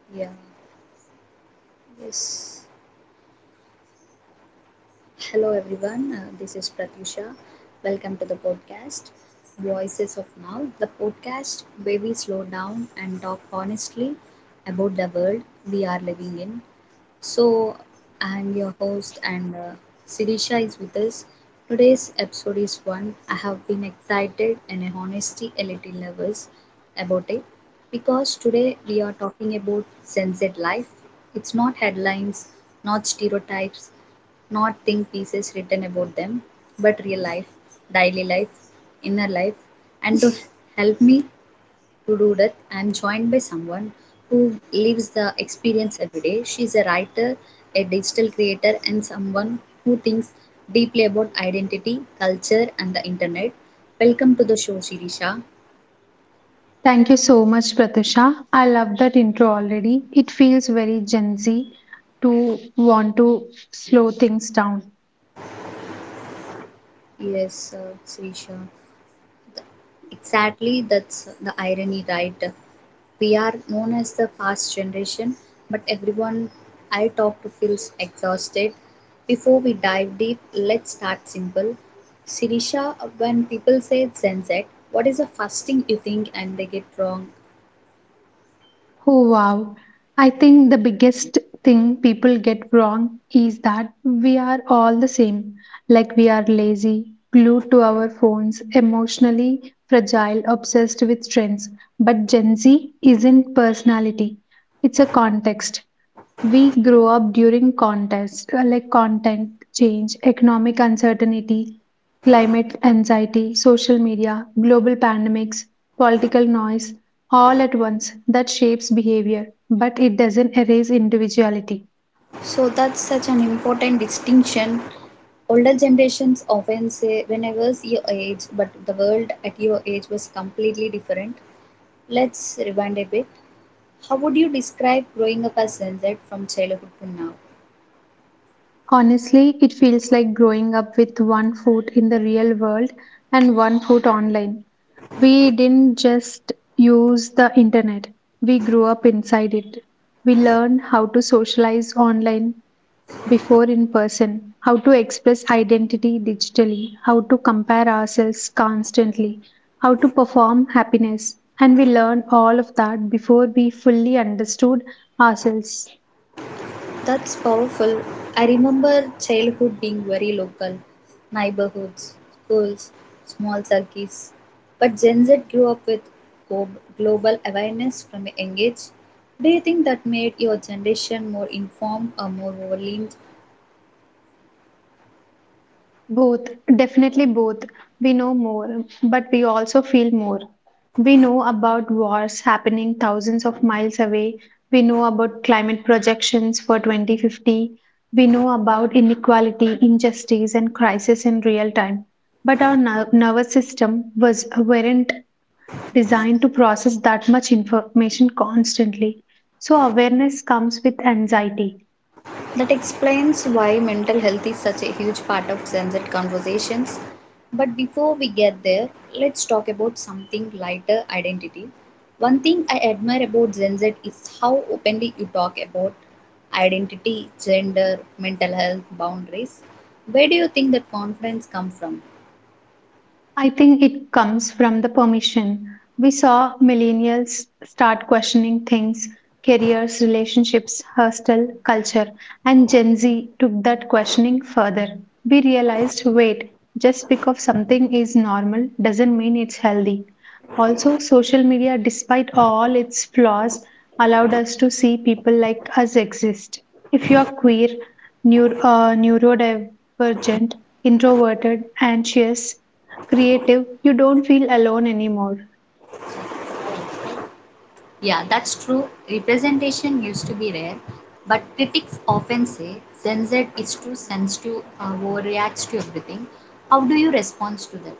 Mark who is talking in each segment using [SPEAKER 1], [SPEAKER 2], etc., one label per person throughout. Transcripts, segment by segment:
[SPEAKER 1] Yeah. Yes. Hello, everyone. This is Pratyusha. Welcome to the podcast Voices of Now, the podcast where we slow down and talk honestly about the world we are living in. So, I'm your host, and Sirisha is with us. Today's episode is one I have been excited and, in honesty, a little nervous about it because today we are talking about sunset life. It's not headlines, not stereotypes, not think pieces written about them, but real life, daily life, inner life. And to help me to do that, I am joined by someone who lives the experience every day. She's a writer, a digital creator, and someone who thinks deeply about identity, culture, and the internet. Welcome to the show, Shirisha.
[SPEAKER 2] Thank you so much, Pratusha. I love that intro already. It feels very Gen Z to want to slow things down.
[SPEAKER 1] Yes, Shirisha. Exactly, that's the irony, right? We are known as the fast generation, but everyone I talk to feels exhausted. Before we dive deep, let's start simple. Sirisha, when people say Gen Z, what is the first thing you think and they get wrong?
[SPEAKER 2] Oh, wow. I think the biggest thing people get wrong is that we are all the same. Like we are lazy, glued to our phones, emotionally fragile, obsessed with trends. But Gen Z isn't personality, it's a context. We grow up during contests like content change, economic uncertainty, climate anxiety, social media, global pandemics, political noise all at once that shapes behavior, but it doesn't erase individuality.
[SPEAKER 1] So that's such an important distinction. Older generations often say, when I was your age, but the world at your age was completely different. Let's rewind a bit. How would you describe growing up as Gen Z from childhood to now?
[SPEAKER 2] Honestly, it feels like growing up with one foot in the real world and one foot online. We didn't just use the internet, we grew up inside it. We learned how to socialize online, before in person, how to express identity digitally, how to compare ourselves constantly, how to perform happiness. And we learned all of that before we fully understood ourselves.
[SPEAKER 1] That's powerful. I remember childhood being very local neighborhoods, schools, small circles. But Gen Z grew up with go- global awareness from a young age. Do you think that made your generation more informed or more overwhelmed?
[SPEAKER 2] Both, definitely both. We know more, but we also feel more. We know about wars happening thousands of miles away. We know about climate projections for 2050. We know about inequality, injustice, and crisis in real time. But our nervous system was weren't designed to process that much information constantly. So awareness comes with anxiety.
[SPEAKER 1] That explains why mental health is such a huge part of Gen Z conversations. But before we get there, let's talk about something lighter identity. One thing I admire about Gen Z is how openly you talk about identity, gender, mental health, boundaries. Where do you think that confidence comes from?
[SPEAKER 2] I think it comes from the permission. We saw millennials start questioning things careers, relationships, hostel, culture, and Gen Z took that questioning further. We realized wait, just because something is normal doesn't mean it's healthy. Also, social media, despite all its flaws, allowed us to see people like us exist. If you are queer, neurodivergent, introverted, anxious, creative, you don't feel alone anymore.
[SPEAKER 1] Yeah, that's true. Representation used to be rare, but critics often say Gen Z is too sensitive, overreacts to everything. How do you respond to that?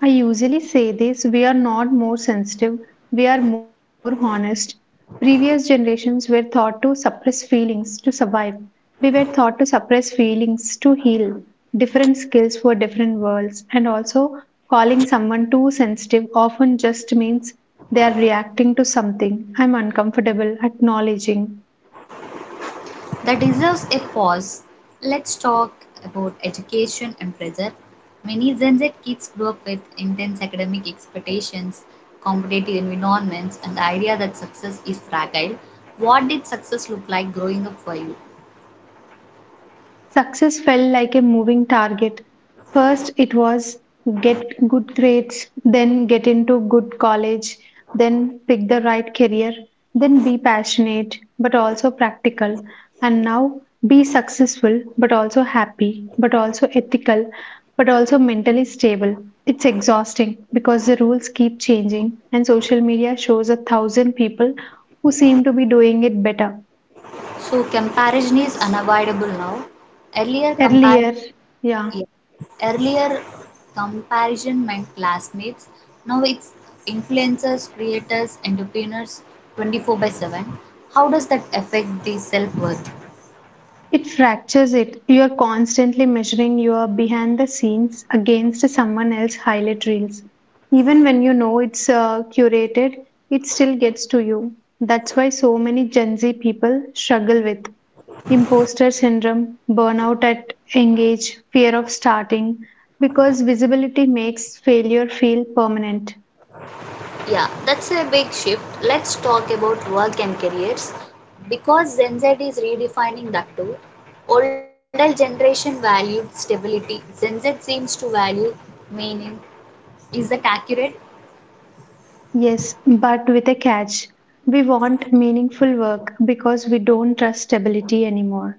[SPEAKER 2] I usually say this we are not more sensitive, we are more honest. Previous generations were taught to suppress feelings to survive. We were taught to suppress feelings to heal. Different skills for different worlds, and also calling someone too sensitive often just means they are reacting to something. I'm uncomfortable, acknowledging.
[SPEAKER 1] That deserves a pause. Let's talk about education and pressure. Many Gen Z kids grow up with intense academic expectations, competitive environments, and the idea that success is fragile. What did success look like growing up for you?
[SPEAKER 2] Success felt like a moving target. First, it was get good grades, then get into good college, then pick the right career, then be passionate but also practical, and now be successful but also happy, but also ethical, but also mentally stable. It's exhausting because the rules keep changing, and social media shows a thousand people who seem to be doing it better.
[SPEAKER 1] So, comparison is unavoidable now. Earlier, comparison
[SPEAKER 2] Earlier, yeah.
[SPEAKER 1] Yeah. Earlier, comparison meant classmates. Now it's influencers, creators, entrepreneurs 24 by 7. How does that affect the self worth?
[SPEAKER 2] It fractures it. You are constantly measuring your behind the scenes against someone else's highlight reels. Even when you know it's curated, it still gets to you. That's why so many Gen Z people struggle with imposter syndrome, burnout at young age, fear of starting, because visibility makes failure feel permanent.
[SPEAKER 1] Yeah, that's a big shift. Let's talk about work and careers because Gen Z is redefining that too. Older generation valued stability. Gen Z seems to value meaning. Is that accurate?
[SPEAKER 2] Yes, but with a catch. We want meaningful work because we don't trust stability anymore.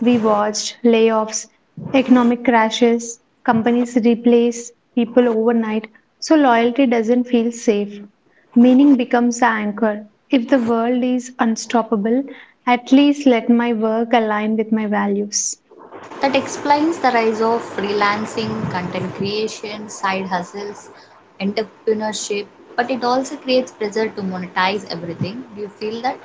[SPEAKER 2] We watched layoffs, economic crashes, companies replace people overnight, so loyalty doesn't feel safe. Meaning becomes our anchor. If the world is unstoppable, at least let my work align with my values.
[SPEAKER 1] That explains the rise of freelancing, content creation, side hustles, entrepreneurship, but it also creates pressure to monetize everything. Do you feel that?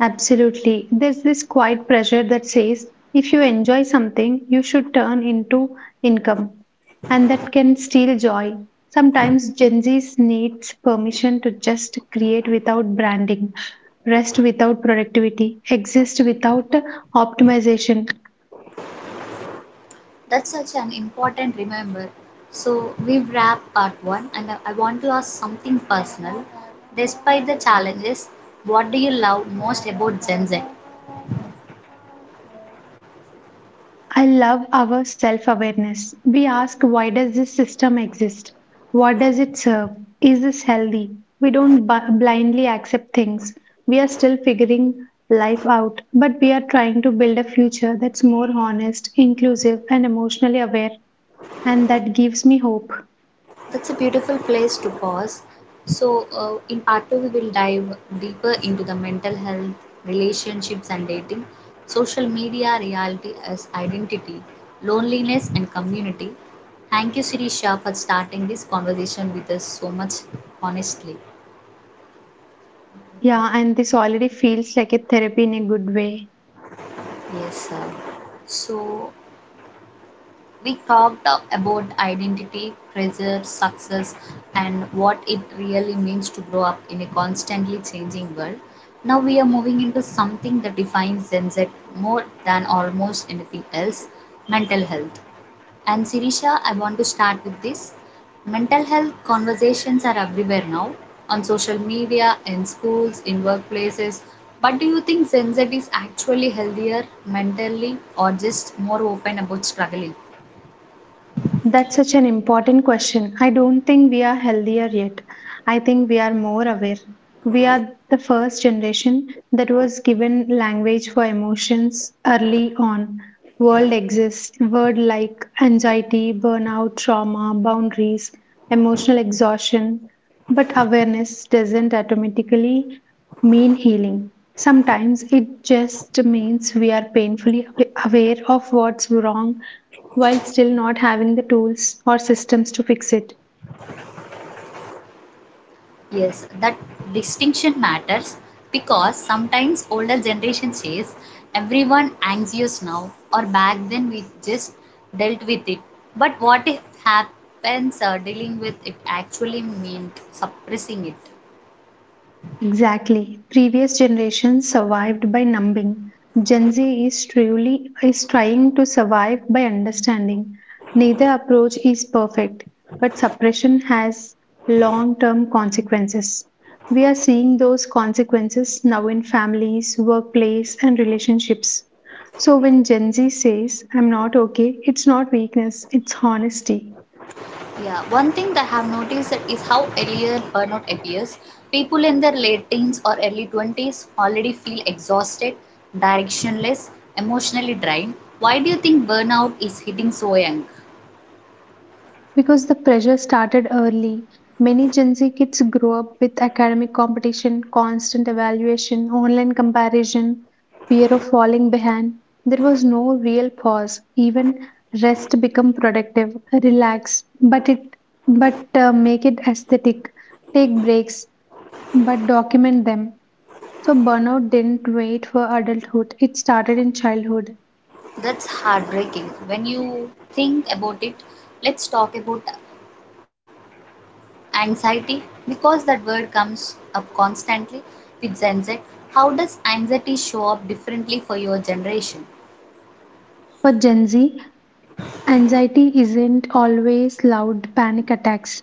[SPEAKER 2] Absolutely. There's this quiet pressure that says if you enjoy something, you should turn into income, and that can steal joy. Sometimes Gen Z needs permission to just create without branding, rest without productivity, exist without optimization.
[SPEAKER 1] That's such an important remember. So we've wrapped part one, and I want to ask something personal. Despite the challenges, what do you love most about Gen Z?
[SPEAKER 2] I love our self awareness. We ask, why does this system exist? What does it serve? Is this healthy? We don't blindly accept things. We are still figuring life out, but we are trying to build a future that's more honest, inclusive, and emotionally aware. And that gives me hope.
[SPEAKER 1] That's a beautiful place to pause. So, in part two, we will dive deeper into the mental health, relationships and dating, social media reality as identity, loneliness, and community. Thank you, Sirisha, for starting this conversation with us so much honestly.
[SPEAKER 2] Yeah, and this already feels like a therapy in a good way.
[SPEAKER 1] Yes, sir. So, we talked about identity, pressure, success, and what it really means to grow up in a constantly changing world. Now we are moving into something that defines Gen Z more than almost anything else mental health. And Sirisha, I want to start with this. Mental health conversations are everywhere now on social media, in schools, in workplaces. But do you think Gen Z is actually healthier mentally or just more open about struggling?
[SPEAKER 2] That's such an important question. I don't think we are healthier yet. I think we are more aware. We are the first generation that was given language for emotions early on. World exists, word like anxiety, burnout, trauma, boundaries, emotional exhaustion. But awareness doesn't automatically mean healing. Sometimes it just means we are painfully aware of what's wrong while still not having the tools or systems to fix it.
[SPEAKER 1] Yes, that distinction matters because sometimes older generation says everyone anxious now or back then we just dealt with it. But what if happens dealing with it actually meant suppressing it?
[SPEAKER 2] Exactly. Previous generations survived by numbing. Gen Z is truly is trying to survive by understanding. Neither approach is perfect, but suppression has long-term consequences. We are seeing those consequences now in families, workplace, and relationships. So when Gen Z says, I'm not okay, it's not weakness, it's honesty.
[SPEAKER 1] Yeah, one thing that I have noticed that is how earlier burnout appears. People in their late teens or early 20s already feel exhausted, directionless, emotionally drained. Why do you think burnout is hitting so young?
[SPEAKER 2] Because the pressure started early, many Gen Z kids grow up with academic competition, constant evaluation, online comparison, fear of falling behind. There was no real pause. Even rest become productive, relax, but make it aesthetic. Take breaks, but document them. So burnout didn't wait for adulthood. It started in childhood.
[SPEAKER 1] That's heartbreaking. When you think about it, let's talk about anxiety because that word comes up constantly with Gen Z. How does anxiety show up differently for your generation?
[SPEAKER 2] For Gen Z, anxiety isn't always loud panic attacks.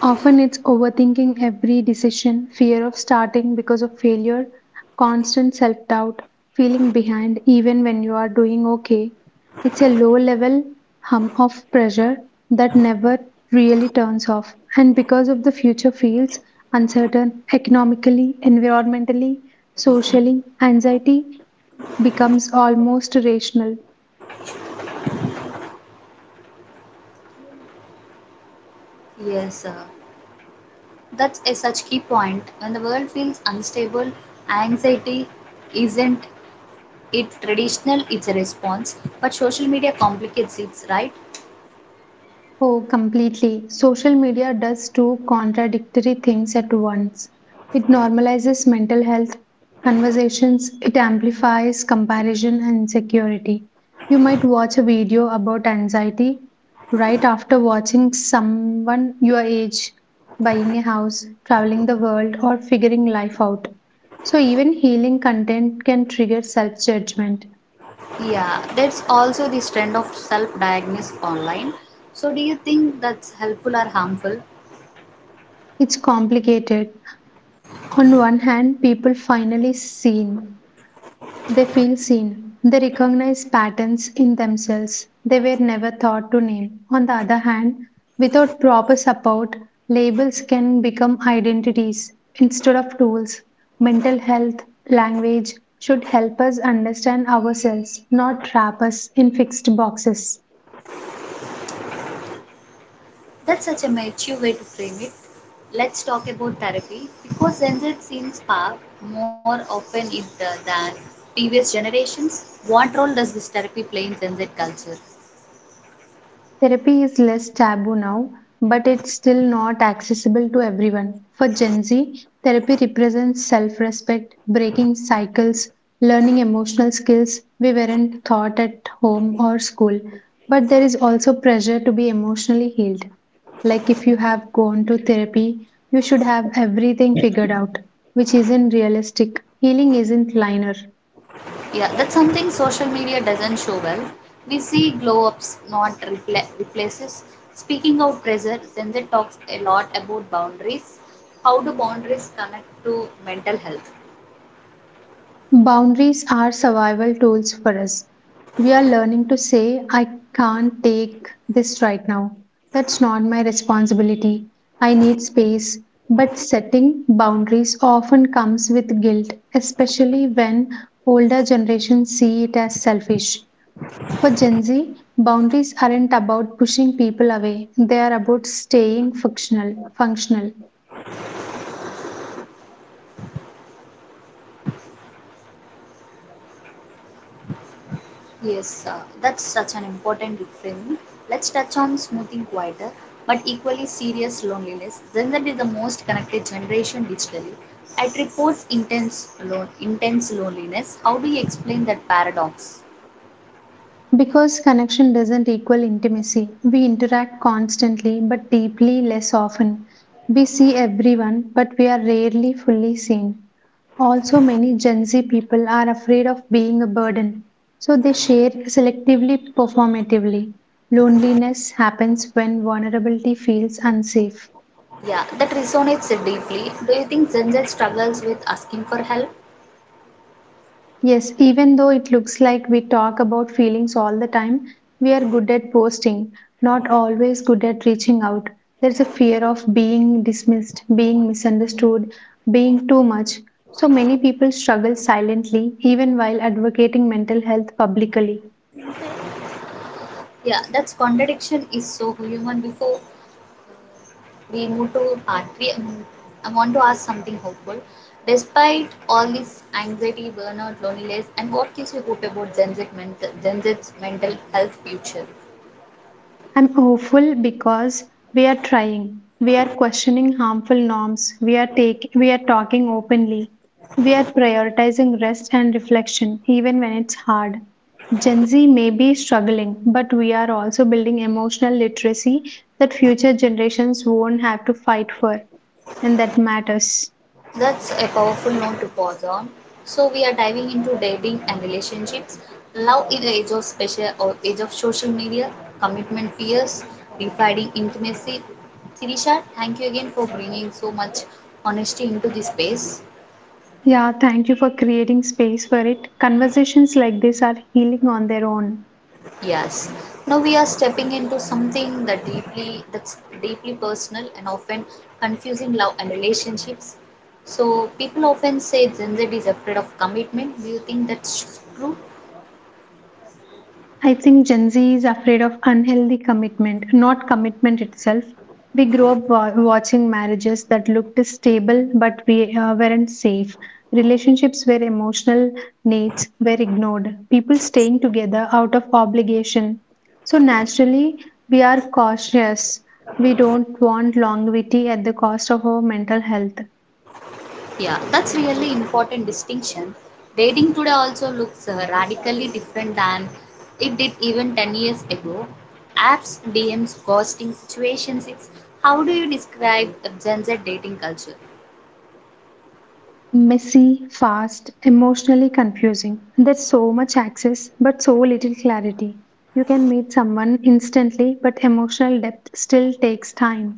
[SPEAKER 2] Often it's overthinking every decision, fear of starting because of failure, constant self doubt, feeling behind even when you are doing okay. It's a low level hum of pressure that never really turns off. And because of the future feels uncertain economically, environmentally, socially, anxiety becomes almost rational.
[SPEAKER 1] Yes, that's a such key point. When the world feels unstable, anxiety isn't it traditional, it's a response. But social media complicates it, right?
[SPEAKER 2] Oh, completely. Social media does two contradictory things at once. It normalizes mental health conversations, it amplifies comparison and insecurity. You might watch a video about anxiety right after watching someone your age buying a house, traveling the world, or figuring life out. So, even healing content can trigger self judgment.
[SPEAKER 1] Yeah, that's also this trend of self-diagnosis online. So do you think that's helpful or harmful?
[SPEAKER 2] It's complicated. On one hand, people finally seen. They feel seen. They recognize patterns in themselves they were never thought to name. On the other hand, without proper support, labels can become identities instead of tools. Mental health, language should help us understand ourselves, not trap us in fixed boxes.
[SPEAKER 1] That's such a mature way to frame it. Let's talk about therapy because Gen Z seems far more often it than previous generations. What role does this therapy play in Gen Z culture?
[SPEAKER 2] Therapy is less taboo now, but it's still not accessible to everyone. For Gen Z, therapy represents self respect, breaking cycles, learning emotional skills we weren't taught at home or school. But there is also pressure to be emotionally healed. Like if you have gone to therapy, you should have everything figured out, which isn't realistic. Healing isn't linear.
[SPEAKER 1] Yeah, that's something social media doesn't show well. We see glow ups, not replaces. Speaking of pressure, Zenzi talks a lot about boundaries. How do boundaries connect to mental health?
[SPEAKER 2] Boundaries are survival tools for us. We are learning to say, I can't take this right now. That's not my responsibility. I need space. But setting boundaries often comes with guilt, especially when older generations see it as selfish. For Gen Z, boundaries aren't about pushing people away, they are about staying functional.
[SPEAKER 1] Yes, that's such an important reframing. Let's touch on smoothing quieter but equally serious loneliness. Gen Z is the most connected generation digitally. It reports intense, intense loneliness. How do you explain that paradox?
[SPEAKER 2] Because connection doesn't equal intimacy, we interact constantly but deeply less often. We see everyone, but we are rarely fully seen. Also, many Gen Z people are afraid of being a burden, so they share selectively performatively. Loneliness happens when vulnerability feels unsafe.
[SPEAKER 1] Yeah, that resonates deeply. Do you think Gen Z struggles with asking for help?
[SPEAKER 2] Yes, even though it looks like we talk about feelings all the time, we are good at posting, not always good at reaching out. There's a fear of being dismissed, being misunderstood, being too much. So many people struggle silently, even while advocating mental health publicly.
[SPEAKER 1] Yeah, that contradiction is so human. Before we move to part 3, I want to ask something hopeful. Despite all this anxiety, burnout, loneliness, and what gives you hope about Gen Z's mental health future?
[SPEAKER 2] I'm hopeful because we are trying. We are questioning harmful norms. We are talking openly. We are prioritizing rest and reflection even when it's hard. Gen Z may be struggling, but we are also building emotional literacy that future generations won't have to fight for, and that matters.
[SPEAKER 1] That's a powerful note to pause on. So we are diving into dating and relationships, love in the age of special or age of social media, commitment fears, refining intimacy. Sirisha, thank you again for bringing so much honesty into this space.
[SPEAKER 2] Yeah, thank you for creating space for it. Conversations like this are healing on their own.
[SPEAKER 1] Yes. Now we are stepping into something that's deeply personal and often confusing love and relationships. So people often say Gen Z is afraid of commitment. Do you think that's true?
[SPEAKER 2] I think Gen Z is afraid of unhealthy commitment, not commitment itself. We grew up watching marriages that looked stable but we weren't safe. Relationships where emotional needs were ignored. People staying together out of obligation. So naturally, we are cautious. We don't want longevity at the cost of our mental health.
[SPEAKER 1] Yeah, that's really important distinction. Dating today also looks radically different than it did even 10 years ago. Apps, DMs, ghosting situations. It's how do you describe the Gen Z dating culture?
[SPEAKER 2] Messy, fast, emotionally confusing. There's so much access, but so little clarity. You can meet someone instantly, but emotional depth still takes time,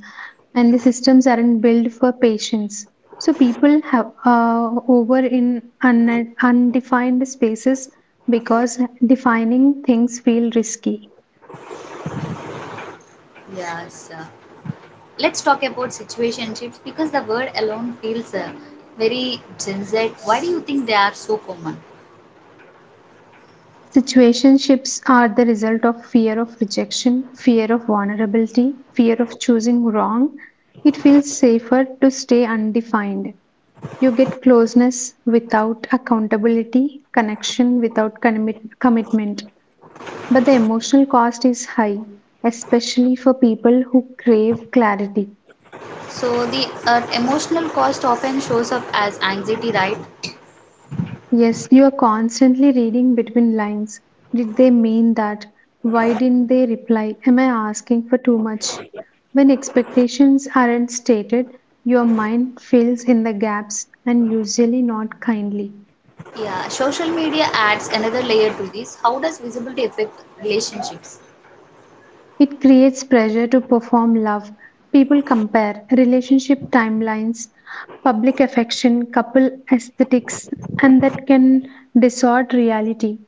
[SPEAKER 2] and the systems aren't built for patience. So people have over in undefined spaces because defining things feel risky.
[SPEAKER 1] Yes. Let's talk about situationships because the word alone feels very Gen Z. Why do you think they are so common?
[SPEAKER 2] Situationships are the result of fear of rejection, fear of vulnerability, fear of choosing wrong. It feels safer to stay undefined. You get closeness without accountability, connection without commitment. But the emotional cost is high, especially for people who crave clarity.
[SPEAKER 1] So the emotional cost often shows up as anxiety, right?
[SPEAKER 2] Yes, you are constantly reading between lines. Did they mean that? Why didn't they reply? Am I asking for too much? When expectations aren't stated, your mind fills in the gaps and usually not kindly.
[SPEAKER 1] Yeah, social media adds another layer to this. How does visibility affect relationships?
[SPEAKER 2] It creates pressure to perform love. People compare relationship timelines, public affection, couple aesthetics, and that can distort reality.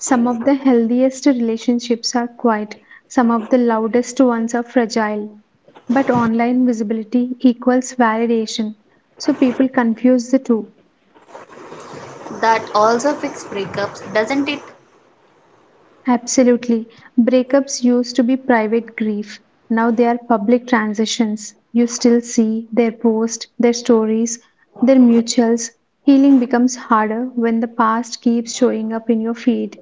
[SPEAKER 2] Some of the healthiest relationships are quiet, some of the loudest ones are fragile. But online visibility equals validation, so people confuse the two.
[SPEAKER 1] That also fix breakups, doesn't it?
[SPEAKER 2] Absolutely. Breakups used to be private grief. Now they are public transitions. You still see their posts, their stories, their mutuals. Healing becomes harder when the past keeps showing up in your feed.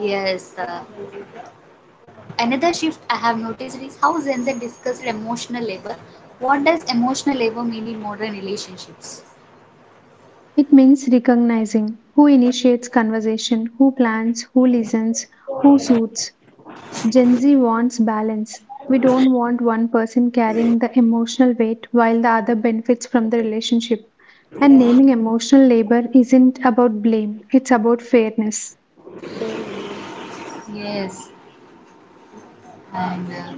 [SPEAKER 1] Yes. Another shift I have noticed is how Gen Z discussed emotional labor. What does emotional labor mean in modern relationships?
[SPEAKER 2] It means recognizing who initiates conversation, who plans, who listens, who soothes. Gen Z wants balance. We don't want one person carrying the emotional weight while the other benefits from the relationship. And naming emotional labor isn't about blame, it's about fairness.
[SPEAKER 1] Yes, and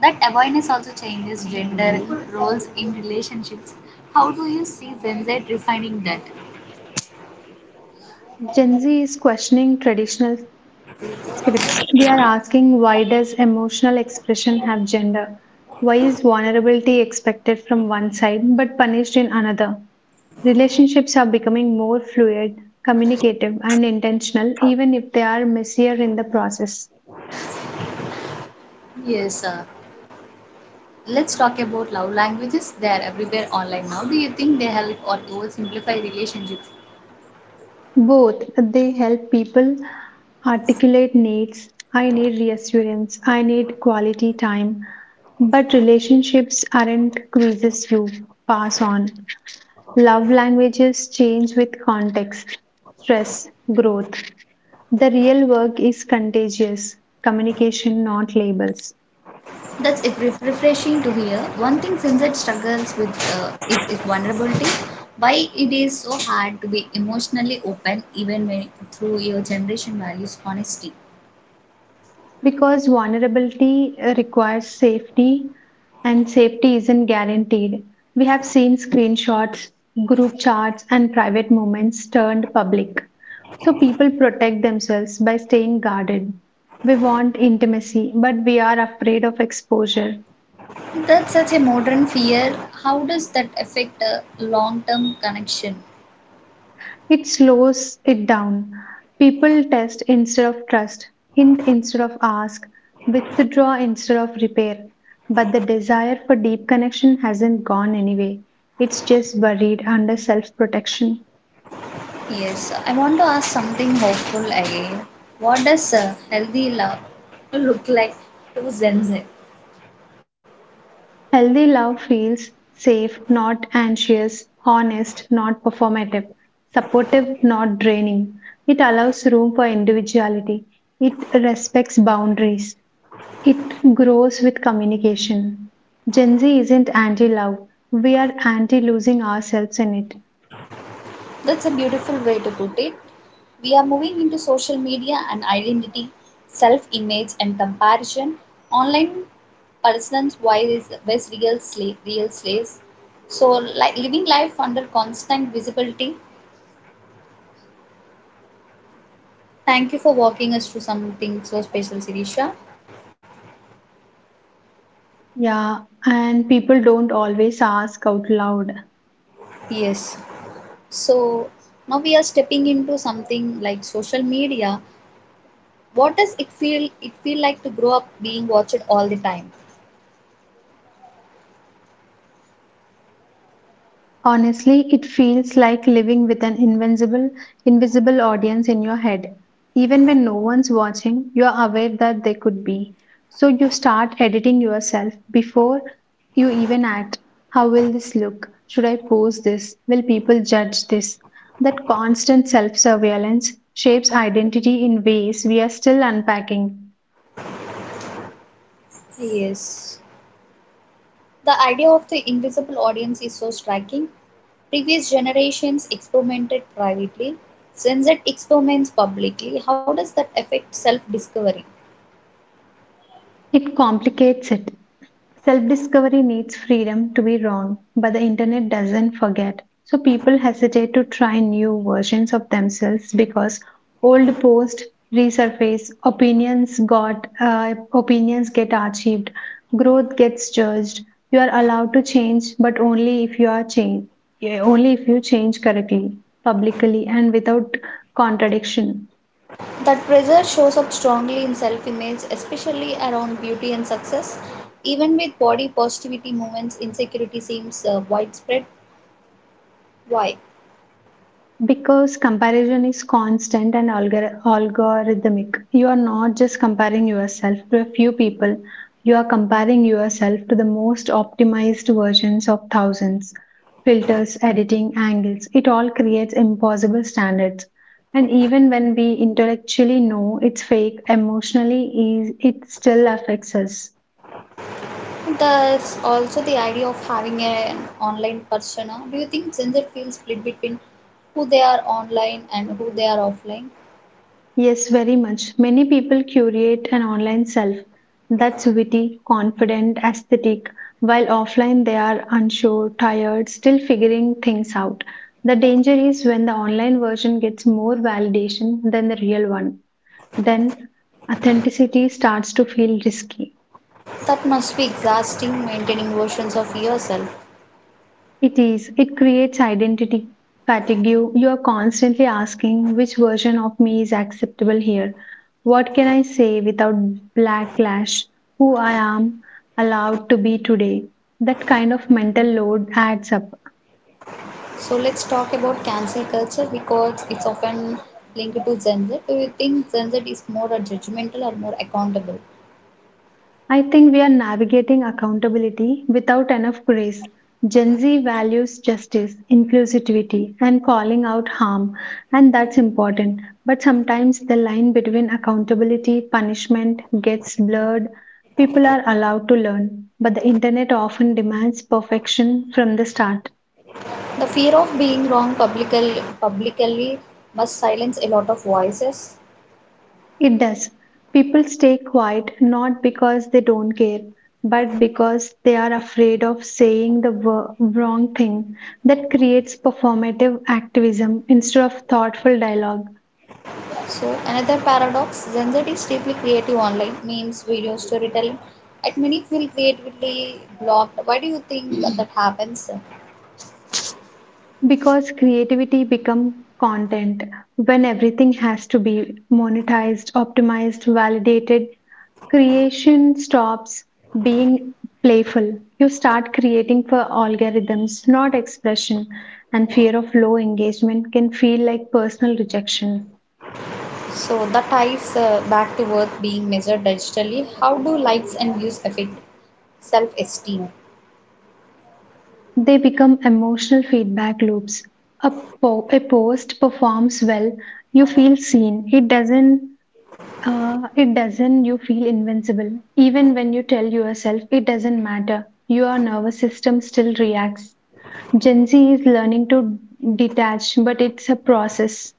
[SPEAKER 1] that awareness also changes gender roles in relationships. How do you see Gen Z refining that?
[SPEAKER 2] Gen Z is questioning traditional scripts. They are asking why does emotional expression have gender? Why is vulnerability expected from one side but punished in another? Relationships are becoming more fluid, communicative, and intentional, even if they are messier in the process.
[SPEAKER 1] Yes, sir. Let's talk about love languages. They are everywhere online now. Do you think they help or oversimplify relationships?
[SPEAKER 2] Both, they help people articulate needs. I need reassurance, I need quality time. But relationships aren't quizzes you pass on. Love languages change with context, stress, growth. The real work is contagious communication, not labels.
[SPEAKER 1] That's refreshing to hear. One thing Sunset struggles with is vulnerability. Why it is so hard to be emotionally open even when through your generation values honesty.
[SPEAKER 2] Because vulnerability requires safety and safety isn't guaranteed. We have seen screenshots, group chats, and private moments turned public. So people protect themselves by staying guarded. We want intimacy, but we are afraid of exposure.
[SPEAKER 1] That's such a modern fear. How does that affect a long-term connection?
[SPEAKER 2] It slows it down. People test instead of trust, hint instead of ask, withdraw instead of repair. But the desire for deep connection hasn't gone anyway. It's just buried under self protection.
[SPEAKER 1] Yes, I want to ask something hopeful again. What does a healthy love look like to Gen Z?
[SPEAKER 2] Healthy love feels safe, not anxious, honest, not performative, supportive, not draining. It allows room for individuality. It respects boundaries. It grows with communication. Gen Z isn't anti love. We are anti losing ourselves in it.
[SPEAKER 1] That's a beautiful way to put it. We are moving into social media and identity, self image and comparison. Online persons wise is where's real slave, real slaves. So like living life under constant visibility. Thank you for walking us through something so special, Sirisha.
[SPEAKER 2] Yeah, and people don't always ask out loud.
[SPEAKER 1] Yes. So now we are stepping into something like social media. What does it feel like to grow up being watched all the time?
[SPEAKER 2] Honestly, it feels like living with an invincible, invisible audience in your head. Even when no one's watching, you're aware that they could be. So you start editing yourself before you even act. How will this look? Should I post this? Will people judge this? That constant self surveillance shapes identity in ways we are still unpacking.
[SPEAKER 1] Yes. The idea of the invisible audience is so striking. Previous generations experimented privately, Gen Z experiments publicly. How does that affect self discovery?
[SPEAKER 2] It complicates it. Self discovery needs freedom to be wrong, but the internet doesn't forget. So people hesitate to try new versions of themselves because old posts resurface, opinions got opinions get archived, growth gets judged. You are allowed to change, but only if you change correctly, publicly, and without contradiction.
[SPEAKER 1] That pressure shows up strongly in self image, especially around beauty and success. Even with body positivity movements, insecurity seems widespread. Why?
[SPEAKER 2] Because comparison is constant and algorithmic. You are not just comparing yourself to a few people, you are comparing yourself to the most optimized versions of thousands. Filters, editing, angles, it all creates impossible standards. And even when we intellectually know it's fake, it still affects us.
[SPEAKER 1] There's also the idea of having an online persona. Do you think Gen Z feels split between who they are online and who they are offline?
[SPEAKER 2] Yes, very much. Many people curate an online self that's witty, confident, aesthetic, while offline they are unsure, tired, still figuring things out. The danger is when the online version gets more validation than the real one. Then authenticity starts to feel risky.
[SPEAKER 1] That must be exhausting maintaining versions of yourself.
[SPEAKER 2] It is. It creates identity fatigue. You are constantly asking which version of me is acceptable here. What can I say without backlash? Who I am allowed to be today? That kind of mental load adds up.
[SPEAKER 1] So let's talk about cancel culture because it's often linked to Gen Z. Do you think Gen Z is more judgmental or more accountable?
[SPEAKER 2] I think we are navigating accountability without enough grace. Gen Z values justice, inclusivity, and calling out harm, and that's important. But sometimes the line between accountability, punishment gets blurred. People are allowed to learn, but the internet often demands perfection from the start.
[SPEAKER 1] The fear of being wrong publicly, publicly must silence a lot of voices.
[SPEAKER 2] It does. People stay quiet not because they don't care, but because they are afraid of saying the wrong thing. That creates performative activism instead of thoughtful dialogue.
[SPEAKER 1] So another paradox, Gen Z is deeply creative online, memes, video storytelling, and many feel creatively blocked. Why do you think that happens?
[SPEAKER 2] Because creativity becomes content when everything has to be monetized, optimized, validated. Creation stops being playful. You start creating for algorithms, not expression, and fear of low engagement can feel like personal rejection.
[SPEAKER 1] So that ties back to worth being measured digitally. How do likes and views affect self-esteem?
[SPEAKER 2] They become emotional feedback loops. A, a post performs well, you feel seen. It doesn't. It doesn't, you feel invincible. Even when you tell yourself it doesn't matter, your nervous system still reacts. Gen Z is learning to detach, but it's a process.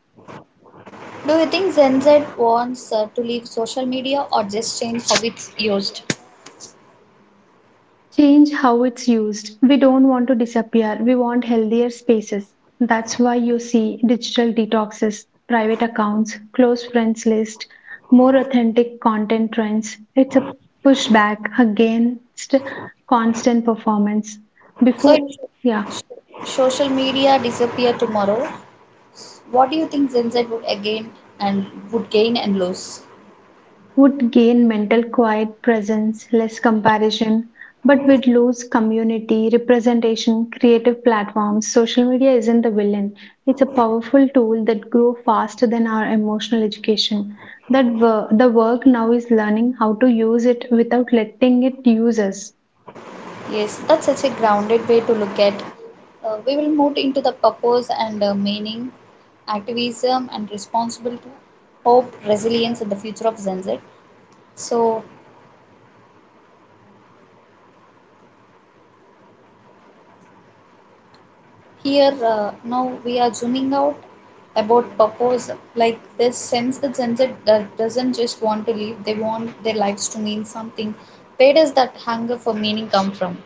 [SPEAKER 1] Do you think Gen Z wants to leave social media or just change how it's used?
[SPEAKER 2] Change how it's used. We don't want to disappear. We want healthier spaces. That's why you see digital detoxes, private accounts, close friends list, more authentic content trends. It's a pushback against constant performance.
[SPEAKER 1] So if
[SPEAKER 2] Before, yeah.
[SPEAKER 1] sh- social media disappear tomorrow, what do you think Gen Z would again and would gain and lose?
[SPEAKER 2] Would gain mental quiet presence, less comparison, but would lose community, representation, creative platforms. Social media isn't the villain. It's a powerful tool that grew faster than our emotional education. The work now is learning how to use it without letting it use us.
[SPEAKER 1] Yes, that's such a grounded way to look at. We will move into the purpose and meaning, activism and responsibility, hope, resilience, and the future of Gen Z. So here now we are zooming out about purpose. Like this sense that Gen Z doesn't just want to live; they want their lives to mean something. Where does that hunger for meaning come from?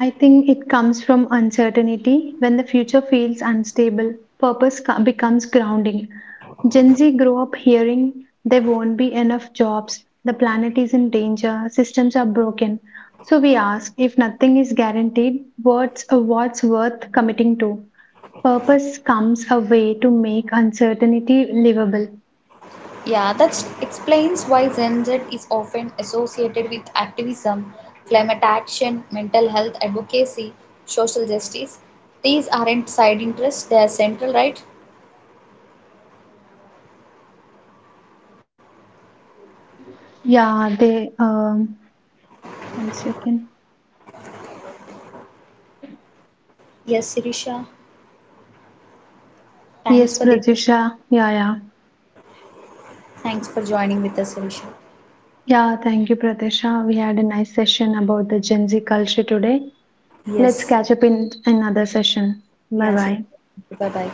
[SPEAKER 2] I think it comes from uncertainty when the future feels unstable. Becomes grounding. Gen Z grew up hearing there won't be enough jobs, the planet is in danger, systems are broken. So we ask, if nothing is guaranteed, what's worth committing to? Purpose comes a way to make uncertainty livable.
[SPEAKER 1] Yeah, that explains why Gen Z is often associated with activism, climate action, mental health advocacy, social justice. These aren't side interests, they are central, right?
[SPEAKER 2] Yeah, they. One second.
[SPEAKER 1] Yes, Sirisha. Thanks for
[SPEAKER 2] Yes,
[SPEAKER 1] the
[SPEAKER 2] Pratisha. Yeah, yeah.
[SPEAKER 1] thanks for joining with us, Sirisha.
[SPEAKER 2] Yeah, thank you, Pratisha. We had a nice session about the Gen Z culture today. Let's
[SPEAKER 1] Yes.
[SPEAKER 2] catch up in another session. Bye
[SPEAKER 1] Yeah, Sirisha.
[SPEAKER 2] bye.
[SPEAKER 1] Bye bye.